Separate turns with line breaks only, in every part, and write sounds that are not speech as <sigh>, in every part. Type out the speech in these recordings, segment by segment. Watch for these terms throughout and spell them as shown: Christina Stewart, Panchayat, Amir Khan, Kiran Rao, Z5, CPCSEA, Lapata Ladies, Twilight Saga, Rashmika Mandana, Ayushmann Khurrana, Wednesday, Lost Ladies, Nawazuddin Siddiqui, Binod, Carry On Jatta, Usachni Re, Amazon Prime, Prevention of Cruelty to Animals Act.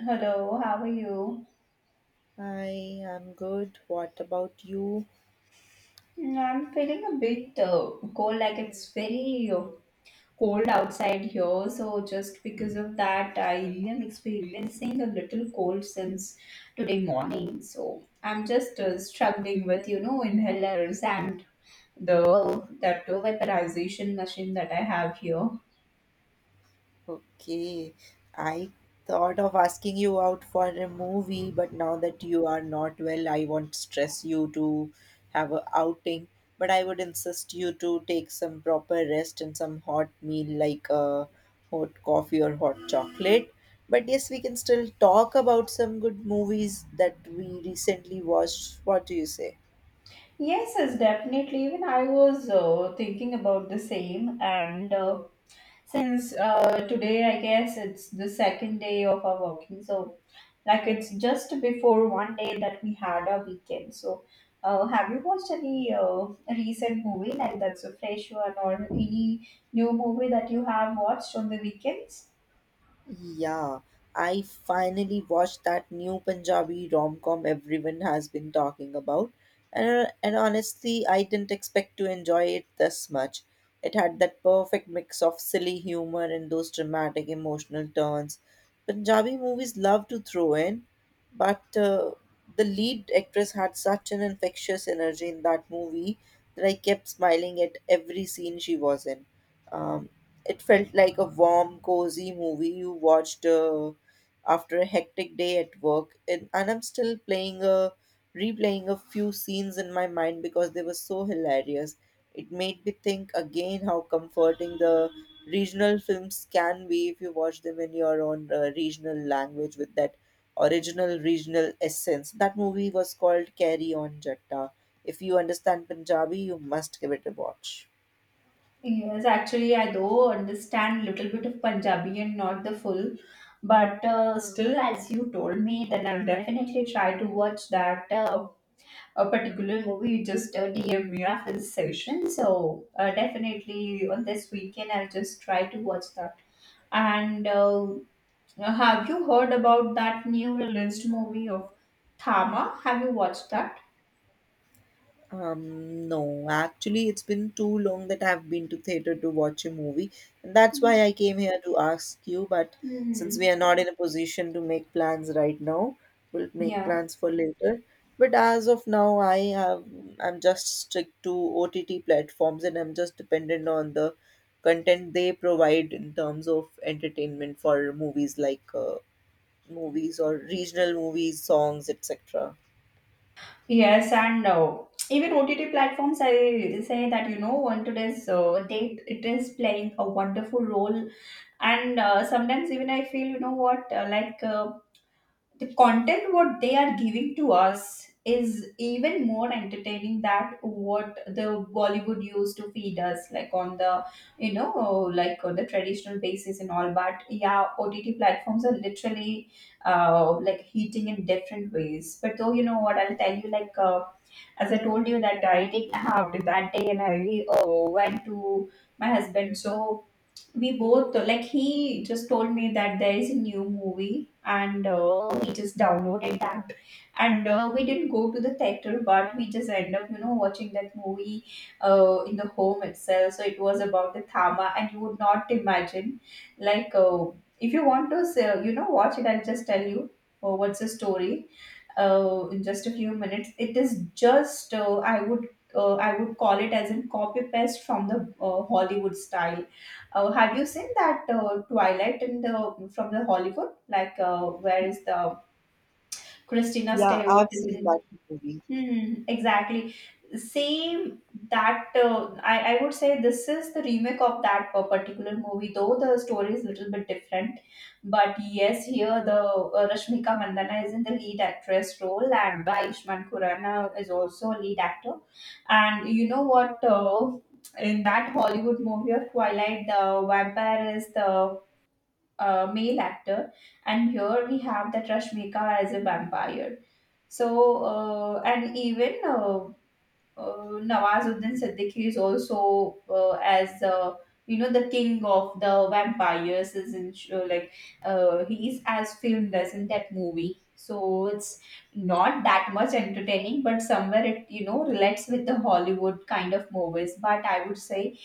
Hello, how are you?
Hi, I'm good. What about you?
Mm, I'm feeling a bit cold, like it's very cold outside here. So, just because of that, I really am experiencing a little cold since today morning. So, I'm just struggling with, inhalers and the that vaporization machine that I have here.
Okay, I thought of asking you out for a movie, but now that you are not well, I won't stress you to have a outing. But I would insist you to take some proper rest and some hot meal like a hot coffee or hot chocolate. But yes, we can still talk about some good movies that we recently watched. What do you say?
Yes, yes, definitely. Even I was thinking about the same, and since today, I guess it's the second day of our working, so like it's just before one day that we had our weekend. So, have you watched any recent movie like that's a fresh one or any new movie that you have watched on the weekends?
Yeah, I finally watched that new Punjabi rom-com everyone has been talking about. And honestly, I didn't expect to enjoy it this much. It had that perfect mix of silly humor and those dramatic emotional turns Punjabi movies love to throw in, but the lead actress had such an infectious energy in that movie that I kept smiling at every scene she was in. Um, it felt like a warm, cozy movie you watched after a hectic day at work. And I'm still playing a replaying a few scenes in my mind because they were so hilarious. It made me think again how comforting the regional films can be if you watch them in your own regional language with that original regional essence. That movie was called Carry On Jatta. If you understand Punjabi, you must give it a watch.
Yes, actually, I do understand little bit of Punjabi and not the full, but still, as you told me, then I'll definitely try to watch that a particular movie, you just DM me after the session. So definitely on this weekend, I'll just try to watch that. And have you heard about that new released movie of Thama? Have you watched that?
No, actually, it's been too long that I've been to theater to watch a movie, and that's why I came here to ask you. But since we
Hmm.
are not in a position to make plans right now, we'll make
Yeah.
plans for later. But as of now, I'm just strict to OTT platforms, and I'm just dependent on the content they provide in terms of entertainment for movies like movies or regional movies, songs, etc.
Yes, and no. Even OTT platforms, I say that you know, on today's date, it is playing a wonderful role. And sometimes even I feel, you know what, like the content what they are giving to us is even more entertaining than what the bollywood used to feed us like on the you know like on the traditional basis and all, but yeah, ott platforms are literally like heating in different ways. But though you know what I'll tell you, like as I told you that I did have that day and I went to my husband, so we both, like, he just told me that there is a new movie, and we just downloaded that, and we didn't go to the theater, but we just end up, you know, watching that movie in the home itself. So it was about the thama, and you would not imagine, like if you want to say, you know, watch it, I'll just tell you what's the story in just a few minutes. It is just uh, I would I would call it as in copy paste from the Hollywood style. Have you seen that Twilight in the from the Hollywood? Like where is the Christina
Yeah,
Stewart
I've
is
seen
in.
that movie.
Hmm, exactly. Same that uh, I would say this is the remake of that particular movie, though the story is a little bit different. But yes, here the Rashmika Mandana is in the lead actress role, and Ayushmann Khurrana is also a lead actor. And you know what? In that Hollywood movie of Twilight, the vampire is the male actor, and here we have that Rashmika as a vampire. So, and even Nawazuddin Siddiqui is also as, you know, the king of the vampires is in like he is as filmed as in that movie. So it's not that much entertaining, but somewhere it, you know, relates with the Hollywood kind of movies. But I would say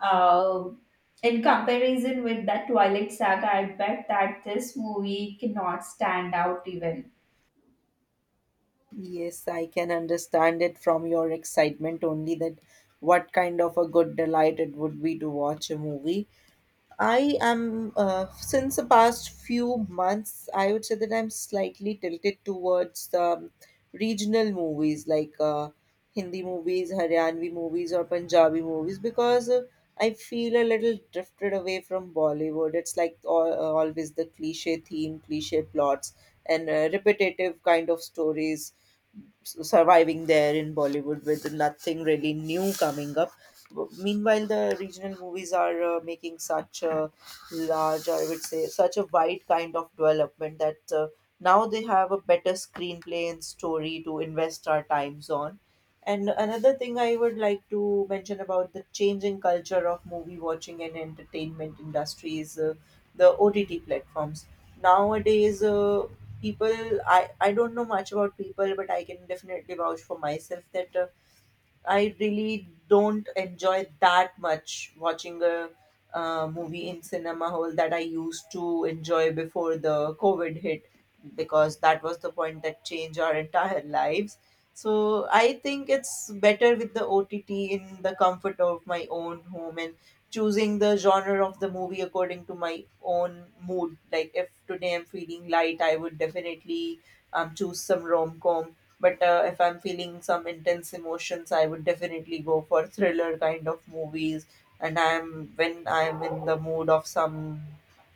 uh, in comparison with that Twilight Saga, I bet that this movie cannot stand out even.
Yes, I can understand it from your excitement only that what kind of a good delight it would be to watch a movie. I am, since the past few months, I would say that I'm slightly tilted towards regional movies like Hindi movies, Haryanvi movies, or Punjabi movies because I feel a little drifted away from Bollywood. It's like always the cliche theme, cliche plots, and repetitive kind of stories surviving there in Bollywood with nothing really new coming up. Meanwhile, the regional movies are making such a large, I would say such a wide kind of development, that now they have a better screenplay and story to invest our times on. And another thing I would like to mention about the changing culture of movie watching and entertainment industry is the OTT platforms nowadays. Uh, people I, I don't know much about people, but I can definitely vouch for myself that I really don't enjoy that much watching a movie in cinema hall that I used to enjoy before the COVID hit, because that was the point that changed our entire lives. So I think it's better with the OTT in the comfort of my own home and choosing the genre of the movie according to my own mood. Like if today I'm feeling light, I would definitely choose some rom com, but if I'm feeling some intense emotions, I would definitely go for thriller kind of movies. And I'm when I'm in the mood of some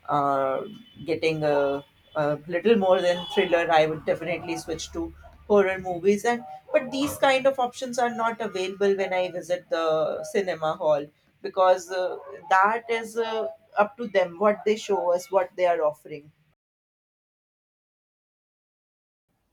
uh, getting a little more than thriller, I would definitely switch to horror movies. And But these kind of options are not available when I visit the cinema hall, because that is up to them what they show us, what they are offering.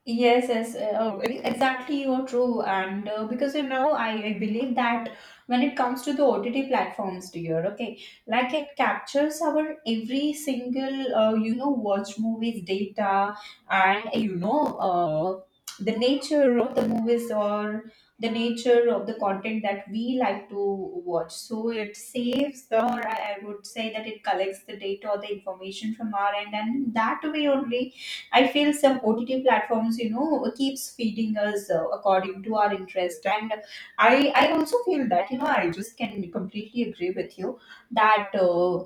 Yes, yes, exactly. You're true, and because, you know, I believe that when it comes to the OTT platforms, dear, okay, like it captures our every single, you know, watch movies data, and you know, the nature of the movies or the nature of the content that we like to watch. So it saves the, or I would say that it collects the data or the information from our end, and that way only I feel some OTT platforms, you know, keeps feeding us according to our interest, and I also feel that, you know, I just can completely agree with you that uh,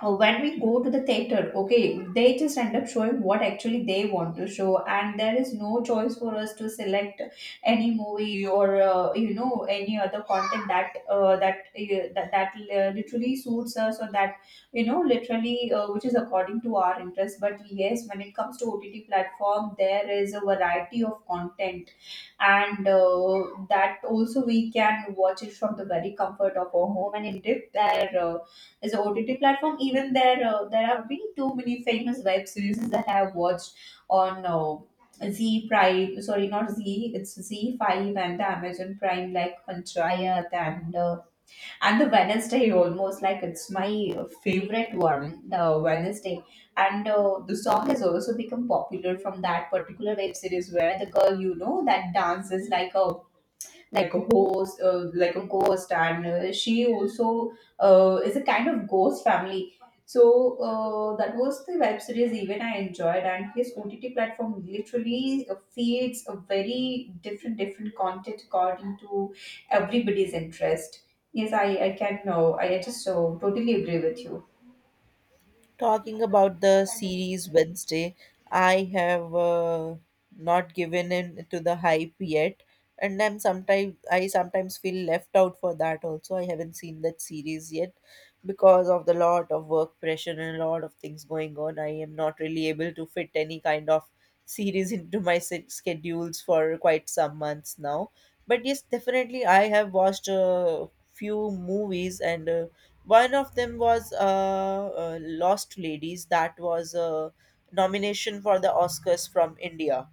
uh, when we go to the theater, okay, they just end up showing what actually they want to show, and there is no choice for us to select any movie or you know, any other content that literally suits us, or that, you know, literally which is according to our interest. But yes, when it comes to ott platform, there is a variety of content, and that also we can watch it from the very comfort of our home. And indeed, there is a ott platform. Even there there have been too many famous web series that I have watched on Z Prime, sorry, not Z, it's Z5 and the Amazon Prime, like Panchayat and the wednesday, almost like it's my favorite one, the wednesday. And the song has also become popular from that particular web series, where the girl, you know, that dances like a like a ghost, and she also is a kind of ghost family. So that was the web series even I enjoyed, and his OTT platform literally feeds a very different different content according to everybody's interest. Yes, I can know. I just totally agree with you.
Talking about the series Wednesday, I have not given in to the hype yet, and I sometimes feel left out for that also. I haven't seen that series yet because of the lot of work pressure and a lot of things going on. I am not really able to fit any kind of series <laughs> into my schedules for quite some months now. But yes, definitely I have watched a few movies and one of them was Lost Ladies. That was a nomination for the Oscars from India,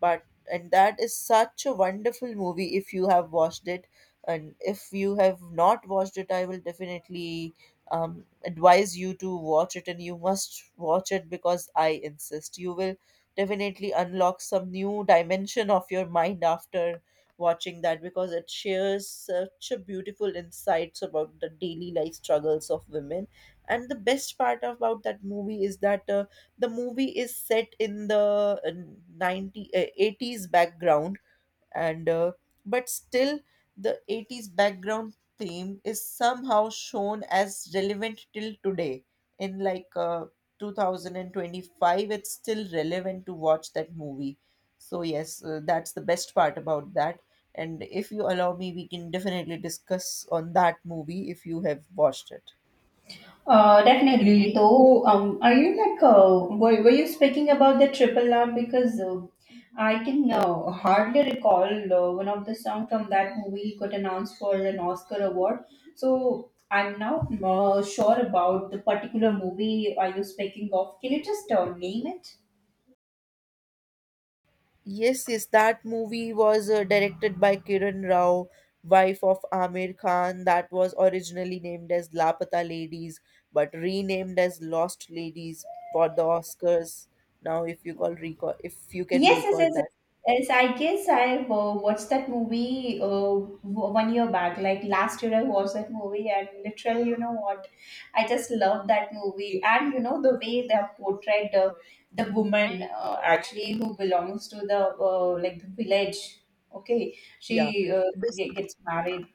but and that is such a wonderful movie. If you have watched it, and if you have not watched it, I will definitely advise you to watch it, and you must watch it because I insist you will definitely unlock some new dimension of your mind after watching that, because it shares such a beautiful insights about the daily life struggles of women. And the best part about that movie is that the movie is set in the uh, 90 uh, 80s background, and but still the 80s background theme is somehow shown as relevant till today, in like 2025 it's still relevant to watch that movie. So yes, that's the best part about that, and if you allow me, we can definitely discuss on that movie if you have watched it.
Definitely. Though, are you like, were you speaking about the Triple R? Because I can hardly recall one of the song from that movie got announced for an Oscar award. So I'm not sure about the particular movie are you speaking of. Can you just name it?
Yes, yes, that movie was directed by Kiran Rao, wife of Amir Khan. That was originally named as Lapata Ladies, but renamed as Lost Ladies for the Oscars. Now, if you call recall, if you can
Yes, yes,
record
yes.
that,
Yes, I guess I watched that movie one year back. Like last year, I watched that movie, and literally, you know what? I just love that movie. And you know, the way they have portrayed the woman actually, who belongs to the like the village. Okay,
yeah.
she
Basically,
gets married.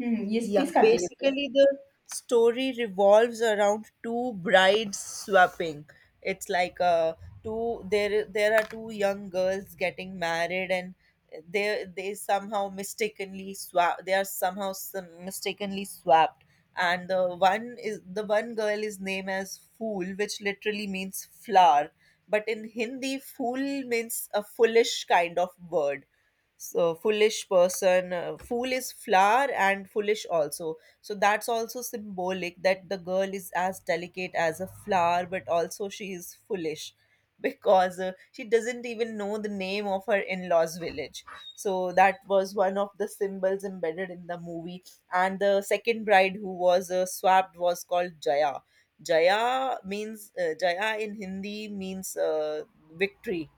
Hmm, yes, please
yeah,
continue.
basically the story revolves around two brides swapping. It's like two there there are two young girls getting married, and they somehow mistakenly swap they are somehow some mistakenly swapped, and the one girl is named as Fool, which literally means flower, but in Hindi Fool means a foolish kind of word. So foolish person, Fool is flower and foolish also, so that's also symbolic that the girl is as delicate as a flower but also she is foolish <laughs> because she doesn't even know the name of her in-laws village. So that was one of the symbols embedded in the movie. And the second bride who was swapped was called Jaya. Jaya means, Jaya in Hindi means, victory.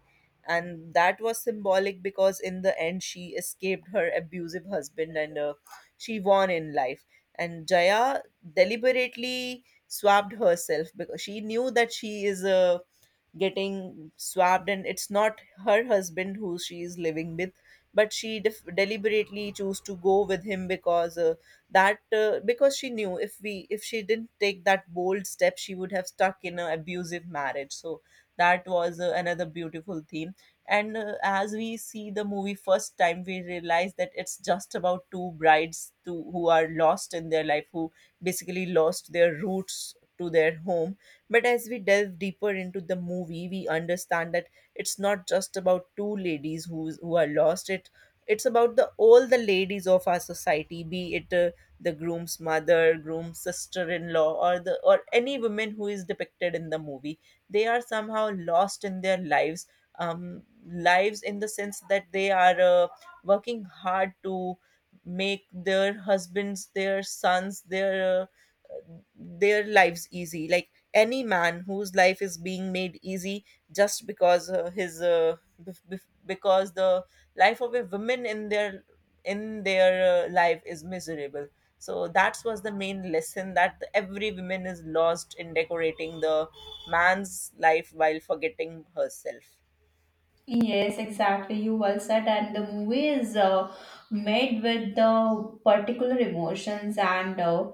And that was symbolic because in the end she escaped her abusive husband and, she won in life. And Jaya deliberately swapped herself because she knew that she is a getting swapped and it's not her husband who she is living with, but she deliberately chose to go with him, because that because she knew if we if she didn't take that bold step, she would have stuck in an abusive marriage. So that was another beautiful theme. And as we see the movie first time, we realize that it's just about two brides who are lost in their life, who basically lost their roots to their home. But as we delve deeper into the movie, we understand that it's not just about two ladies who are lost. It's about the all the ladies of our society, be it the groom's mother, groom's sister-in-law, or the or any woman who is depicted in the movie. They are somehow lost in their lives. Lives in the sense that they are working hard to make their husbands, their sons, their lives easy. Like any man whose life is being made easy just because because the life of a woman in their life is miserable. So that was the main lesson, that every woman is lost in decorating the man's life while forgetting herself.
Yes, exactly. You well said, and the movie is made with the particular emotions, and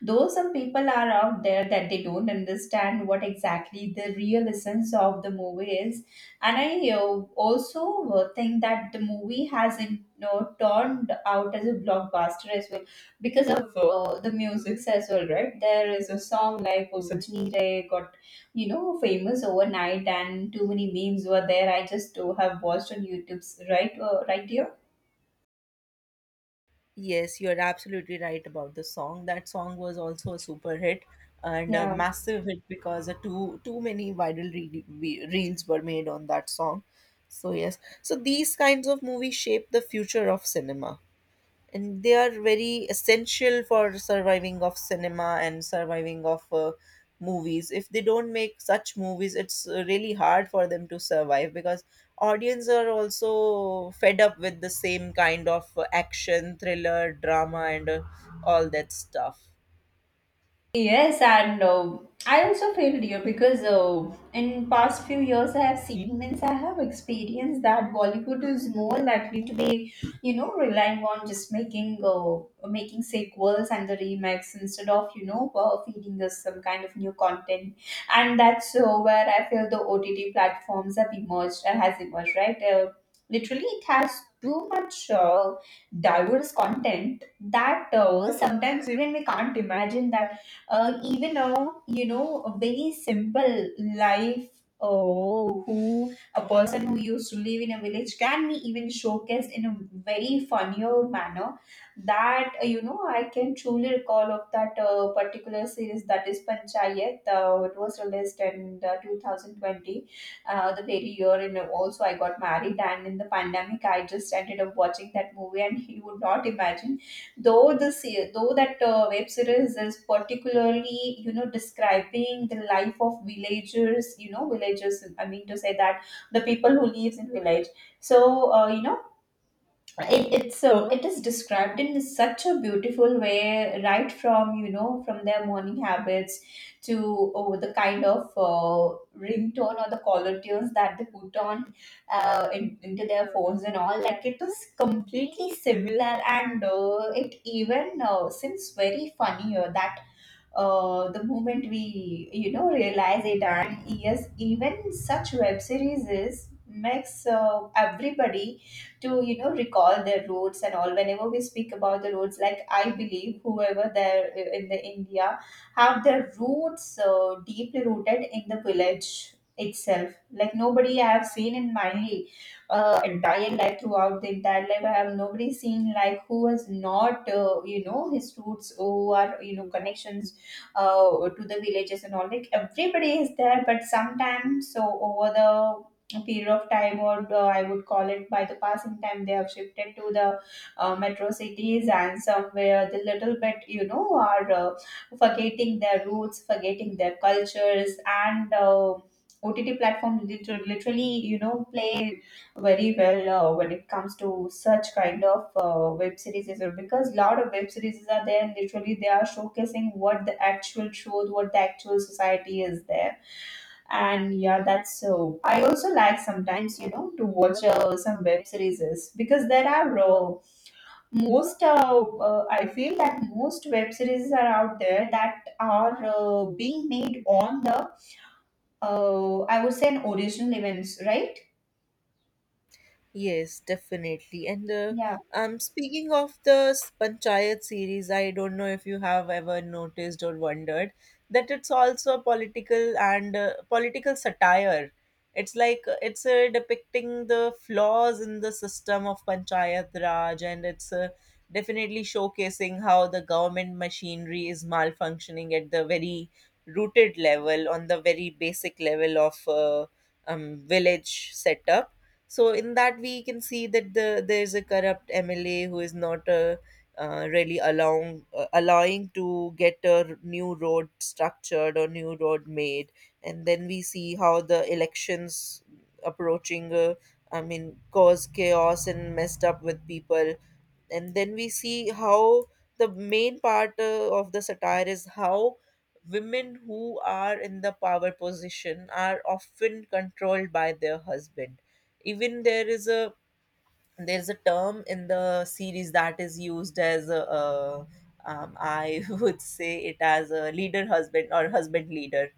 though some people are out there that they don't understand what exactly the real essence of the movie is, and I also think that the movie has in, you know, turned out as a blockbuster as well because of the music as well, right? There is a song like "Usachni Re" got, you know, famous overnight, and too many memes were there. I just have watched on YouTube's right, right here.
Yes, you're absolutely right about the song. That song was also a super hit and a
Yeah.
massive hit because too many viral reels were made on that song. So yes, so these kinds of movies shape the future of cinema, and they are very essential for surviving of cinema and surviving of movies. If they don't make such movies, it's really hard for them to survive, because audience are also fed up with the same kind of action thriller drama and all that stuff.
Yes, and I also feel dear, because in past few years I have seen, means I have experienced that Bollywood is more likely to be, you know, relying on just making making sequels and the remakes instead of, you know, feeding us some kind of new content, and that's where I feel the OTT platforms have emerged, has emerged, right. Literally, it has too much. Diverse content that sometimes even we can't imagine that even a, you know, a very simple life, oh, who, a person who used to live in a village can be even showcased in a very funnier manner, that you know, I can truly recall of that particular series, that is panchayat, it was released in 2020, the very year, and also I got married, and in the pandemic I just ended up watching that movie. And <laughs> you would not imagine, though that web series is particularly, you know, describing the life of villagers, you know, villagers, I mean to say that the people who lives in village. So you know, it, it's so it is described in such a beautiful way, right from, you know, from their morning habits to, oh, the kind of ringtone or the caller tunes that they put on into their phones and all, like it is completely similar, and it even seems very funny, that the moment we, you know, realize it. And yes, even such web series is makes everybody to, you know, recall their roots and all. Whenever we speak about the roots, like I believe whoever there in the india have their roots deeply rooted in the village itself. Like nobody I have seen in my entire life, throughout the entire life I have nobody seen, like who has not you know, his roots or, you know, connections to the villages and all, like everybody is there. But sometimes, so over the period of time, or I would call it by the passing time, they have shifted to the metro cities, and somewhere the little bit, you know, are forgetting their roots, forgetting their cultures, and ott platform literally, you know, play very well when it comes to such kind of Web series as well, because a lot of web series are there and literally they are showcasing what the actual truth, what the actual society is there. And yeah, that's so I also like sometimes, you know, to watch some web series because there are most I feel that most web series are out there that are being made on the I would say an original events, right?
Yes, definitely. And
Yeah.
speaking of the panchayat series, I don't know if you have ever noticed or wondered that it's also a political and political satire. It's like, it's depicting the flaws in the system of panchayat raj, and it's definitely showcasing how the government machinery is malfunctioning at the very rooted level, on the very basic level of village setup. So in that we can see that there's a corrupt MLA who is not really allowing, to get a new road structured or new road made, and then we see how the elections approaching. Cause chaos and messed up with people, and then we see how the main part of the satire is how women who are in the power position are often controlled by their husband. Even there is a there's a term in the series that is used as a, I <laughs> would say it as a leader husband or husband leader.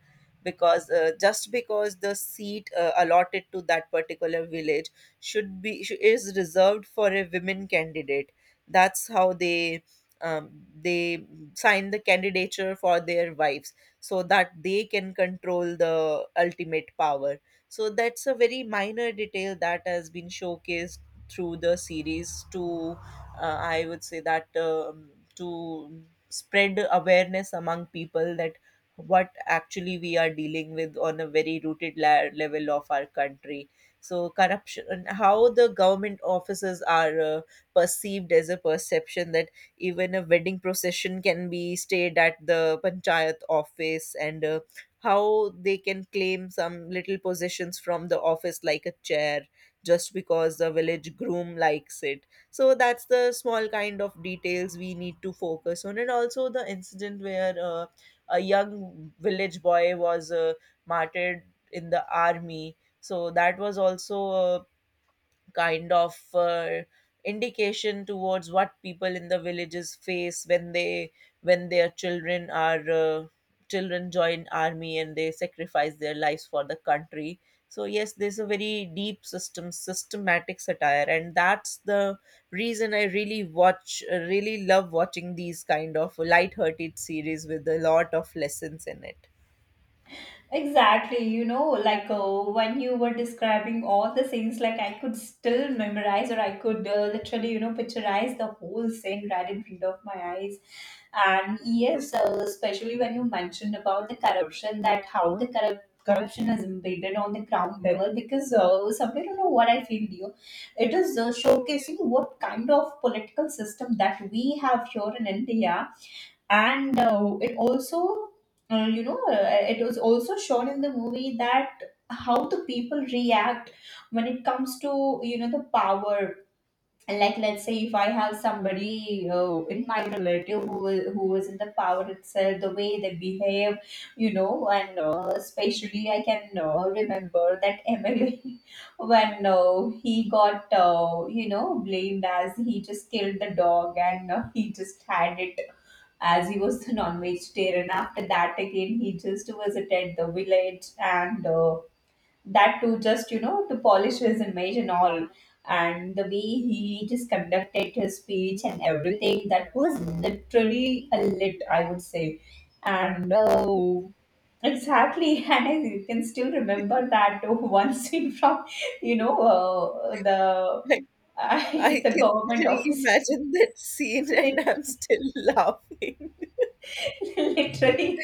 Because just because the seat allotted to that particular village is reserved for a women candidate. That's how they um, they sign the candidature for their wives so that they can control the ultimate power. So that's a very minor detail that has been showcased through the series to I would say that to spread awareness among people that what actually we are dealing with on a very level of our country. So corruption, and how the government offices are perceived as a perception that even a wedding procession can be stayed at the panchayat office, and how they can claim some little possessions from the office like a chair just because the village groom likes it. So that's the small kind of details we need to focus on. And also the incident where a young village boy was martyred in the army. So that was also a kind of indication towards what people in the villages face when they when their children are children join army and they sacrifice their lives for the country. So yes, there's a very deep systematic satire, and that's the reason I really watch really love watching these kind of light-hearted series with a lot of lessons in it.
Exactly, you know, like when you were describing all the scenes, like I could still memorize, or I could literally, you know, picturize the whole scene right in front of my eyes. And yes, especially when you mentioned about the corruption, that how the corruption is embedded on the ground level, because somewhere, you know, what I feel, you, it is showcasing what kind of political system that we have here in India. And it also you know, it was also shown in the movie that how the people react when it comes to, you know, the power. Like, let's say if I have somebody in my relative who who was in the power itself, the way they behave, you know. And especially I can remember that <laughs> MLA when he got you know, blamed as he just killed the dog and he just had it as he was the non-vegetarian. After that, again, he just visited the village, and that too, just, you know, to polish his image and all. And the way he just conducted his speech and everything, that was literally a lit, I would say. And exactly, <laughs> and I can still remember that <laughs> one scene from, you know, the
Like,
<laughs>
I
the
can <laughs>
government office.
reimagine that scene and
<laughs>
I'm still laughing.
<laughs> Literally,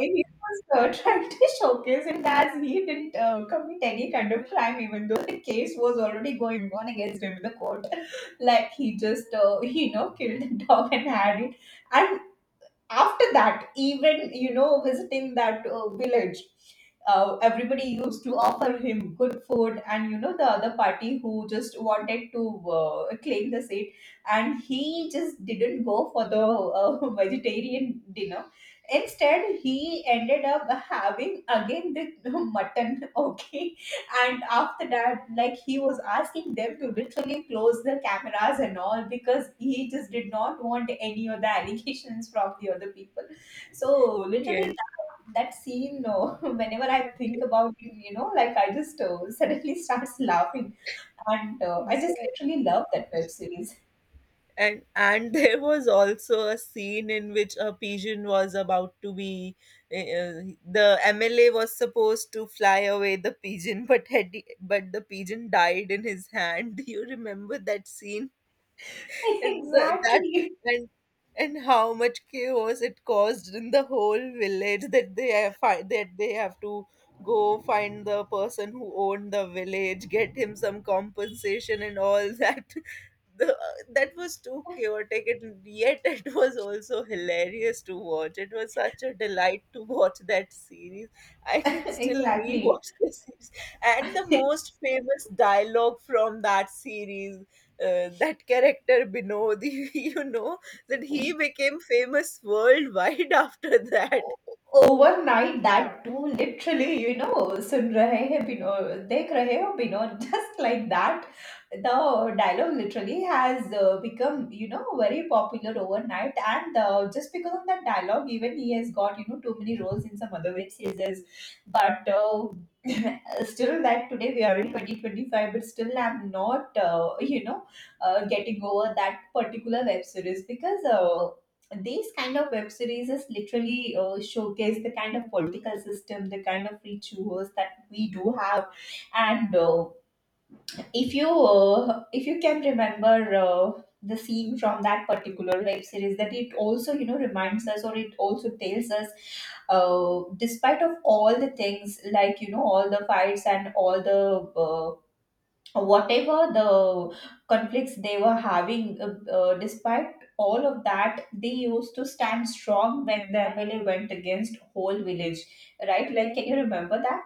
he was trying to showcase it as he didn't commit any kind of crime, even though the case was already going on against him in the court. <laughs> Like he just, he, you know, killed the dog and had it, and after that, even, you know, visiting that village, everybody used to offer him good food. And you know, the other party, who just wanted to claim the seat, and he just didn't go for the <laughs> vegetarian dinner, instead he ended up having again the <laughs> mutton, okay. And after that, like, he was asking them to literally close the cameras and all, because he just did not want any of the <laughs> allegations from the other people. So
<laughs>
literally
Yes.
that, that scene no. <laughs> Whenever I think about it, you know, like, I just suddenly starts <laughs> laughing. And I just
Exact-
literally love that web series.
And <laughs> there was also a scene in which a pigeon was about to be the MLA was supposed to fly away the pigeon, <laughs> but the pigeon died in his hand. Do you remember that scene? <laughs>
<laughs>
and the, that
Exactly.
and and how much chaos it caused in the whole village, that they have find that they have to go find the person who owned the village, get him some compensation and all that. <laughs> The, that was too chaotic, and yet <laughs> it was also hilarious to watch. It was such a delight to watch that series. I can
<laughs>
still
Exactly.
rewatch <laughs> the series. And the
<laughs>
most famous dialogue from that series, that character Binod, <laughs> you know, that he became famous worldwide <laughs> after that.
Overnight, that too, literally, you know. Sun rahe hain Bino, dekh rahe ho Bino. <laughs> Just like that, the dialogue literally has become, you know, very popular overnight. And just because of that dialogue, even he has got, you know, too many roles in some other web series. But <laughs> still that today we are in 2025, but still I'm not you know, getting over that particular web series, because these kind of web series is literally showcase the kind of political system, the kind of rituals that we do have. And if you can remember the scene from that particular web series, that it also, you know, reminds us, or it also tells us, despite of all the things, like, you know, all the fights and all the whatever the conflicts they were having, despite all of that, they used to stand strong when the MLA went against whole village, right? Like, can you remember that?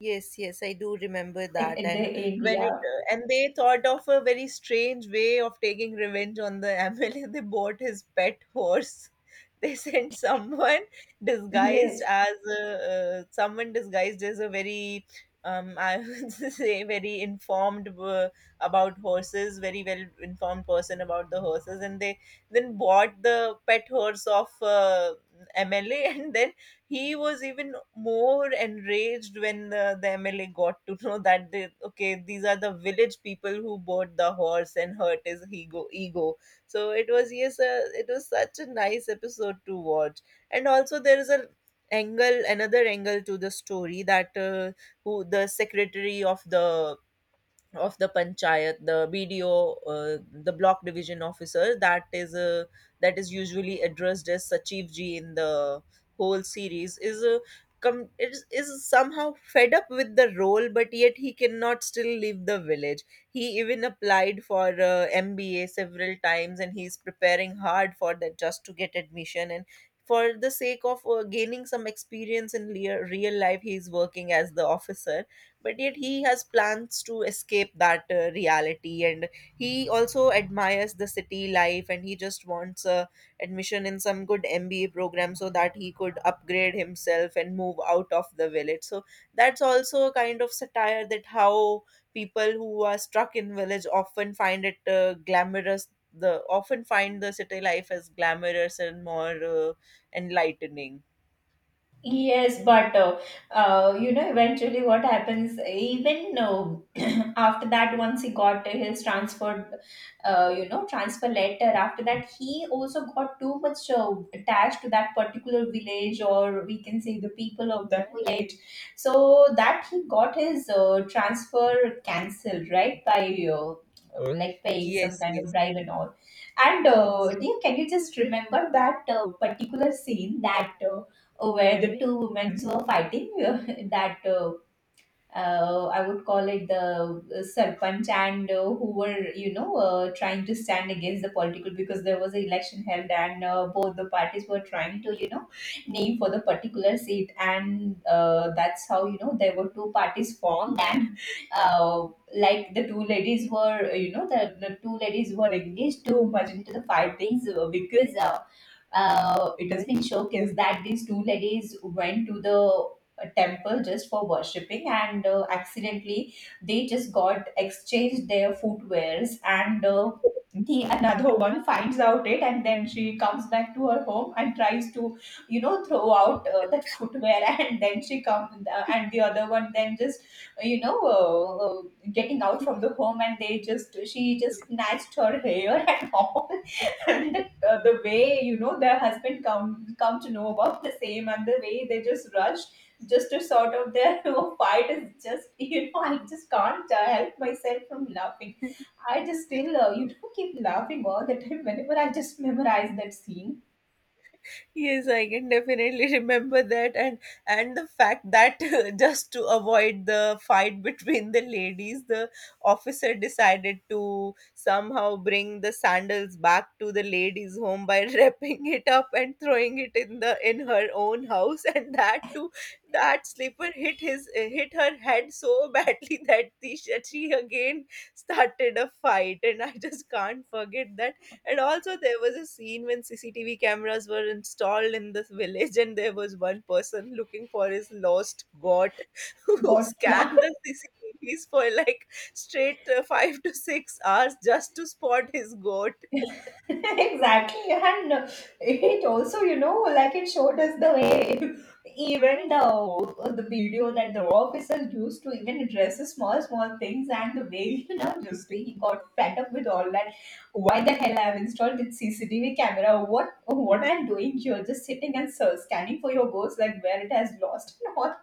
Yes, yes, I do remember that.
At the
And
end,
when it
yeah.
and they thought of a very strange way of taking revenge on the MLA. <laughs> They bought his pet horse. <laughs> They sent someone disguised
Yes.
as a, someone disguised as a very I would <laughs> say very very well informed person about the horses, and they then bought the pet horse of MLA <laughs> and then he was even more enraged when the MLA got to know that they, okay, these are the village people who bought the horse and hurt his ego. So it was, yes, it was such a nice episode to watch. And also there is a angle, another angle to the story, that who the secretary of the panchayat, the BDO, the block division officer, that is usually addressed as sachiv ji in the whole series, is is somehow fed up with the role but yet he cannot still leave the village. He even applied for MBA several times, and he's preparing hard for that just to get admission, and for the sake of gaining some experience in real life he's working as the officer, but yet he has plans to escape that reality. And he also admires the city life and he just wants a admission in some good MBA program so that he could upgrade himself and move out of the village. So that's also a kind of satire, that how people who are stuck in village often find it glamorous, the often find the city life as glamorous and more enlightening.
Yes, but you know, eventually what happens, even <clears throat> after that, once he got his transfer, you know, transfer letter, after that, he also got too much attached to that particular village, or we can say the people of that village. So that he got his transfer cancelled, right, by like paying some
Yes,
kind of bribe and all. And
yes.
dear, can you just remember that particular scene that? Where the two women were fighting <laughs> that I would call it the Sarpanch and who were, you know, trying to stand against the political, because there was an election held, and both the parties were trying to, you know, name for the particular seat. And that's how, you know, there were two parties formed. And uh, like the two ladies were, you know, the two ladies were engaged too much into the fightings because it has been showcased that these two ladies went to the temple just for worshipping, and accidentally they just got exchanged their footwears. And the another one finds out it, and then she comes back to her home and tries to, you know, throw out that footwear. <laughs> And then she come, and the other one then just, you know, getting out from the home, and they just, she just snatched her hair <laughs> and all. <laughs> And then the way, you know, their husband come to know about the same, and the way they just rush just to sort of their <laughs> you know, fight is just, you know, I just can't help myself from laughing. I just still you know, keep laughing all the time whenever I just memorize that scene.
Yes, I can definitely <laughs> remember that, and the fact that <laughs> just to avoid the fight <laughs> between the ladies, the officer decided to somehow bring the sandals back to the ladies' home by <laughs> wrapping it up and throwing it in the in her own house, <laughs> and that too, that slipper hit her head so badly <laughs> that the, she again started a fight, and I just can't forget that. And also, there was a scene when CCTV cameras were installed in this village, and there was one person looking for his lost goat <laughs> who
God, yeah.
scanned the CCTVs for like straight five to six hours just to spot his goat.
<laughs> Exactly. And it also, you know, like, it showed us the way, even the video that the officer used to even address the small small things, and the way, you know, just he got fed up with all that. Why the hell I've installed this CCTV camera, what I'm doing here, just sitting and scanning for your ghost, like where it has lost and all.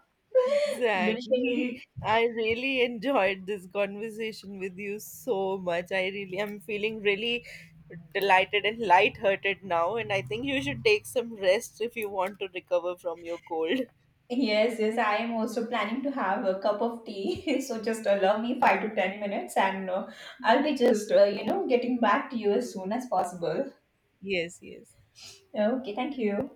<laughs>
Exactly.
Literally.
I really enjoyed this conversation with you so much. I really am feeling really delighted and lighthearted now, and I think you should take some rest if you want to recover from your cold.
Yes, yes, I am also planning to have a cup of tea. <laughs> So just allow me 5 to 10 minutes, and I'll be just, you know, getting back to you as soon as possible.
Yes, yes.
Okay, thank you.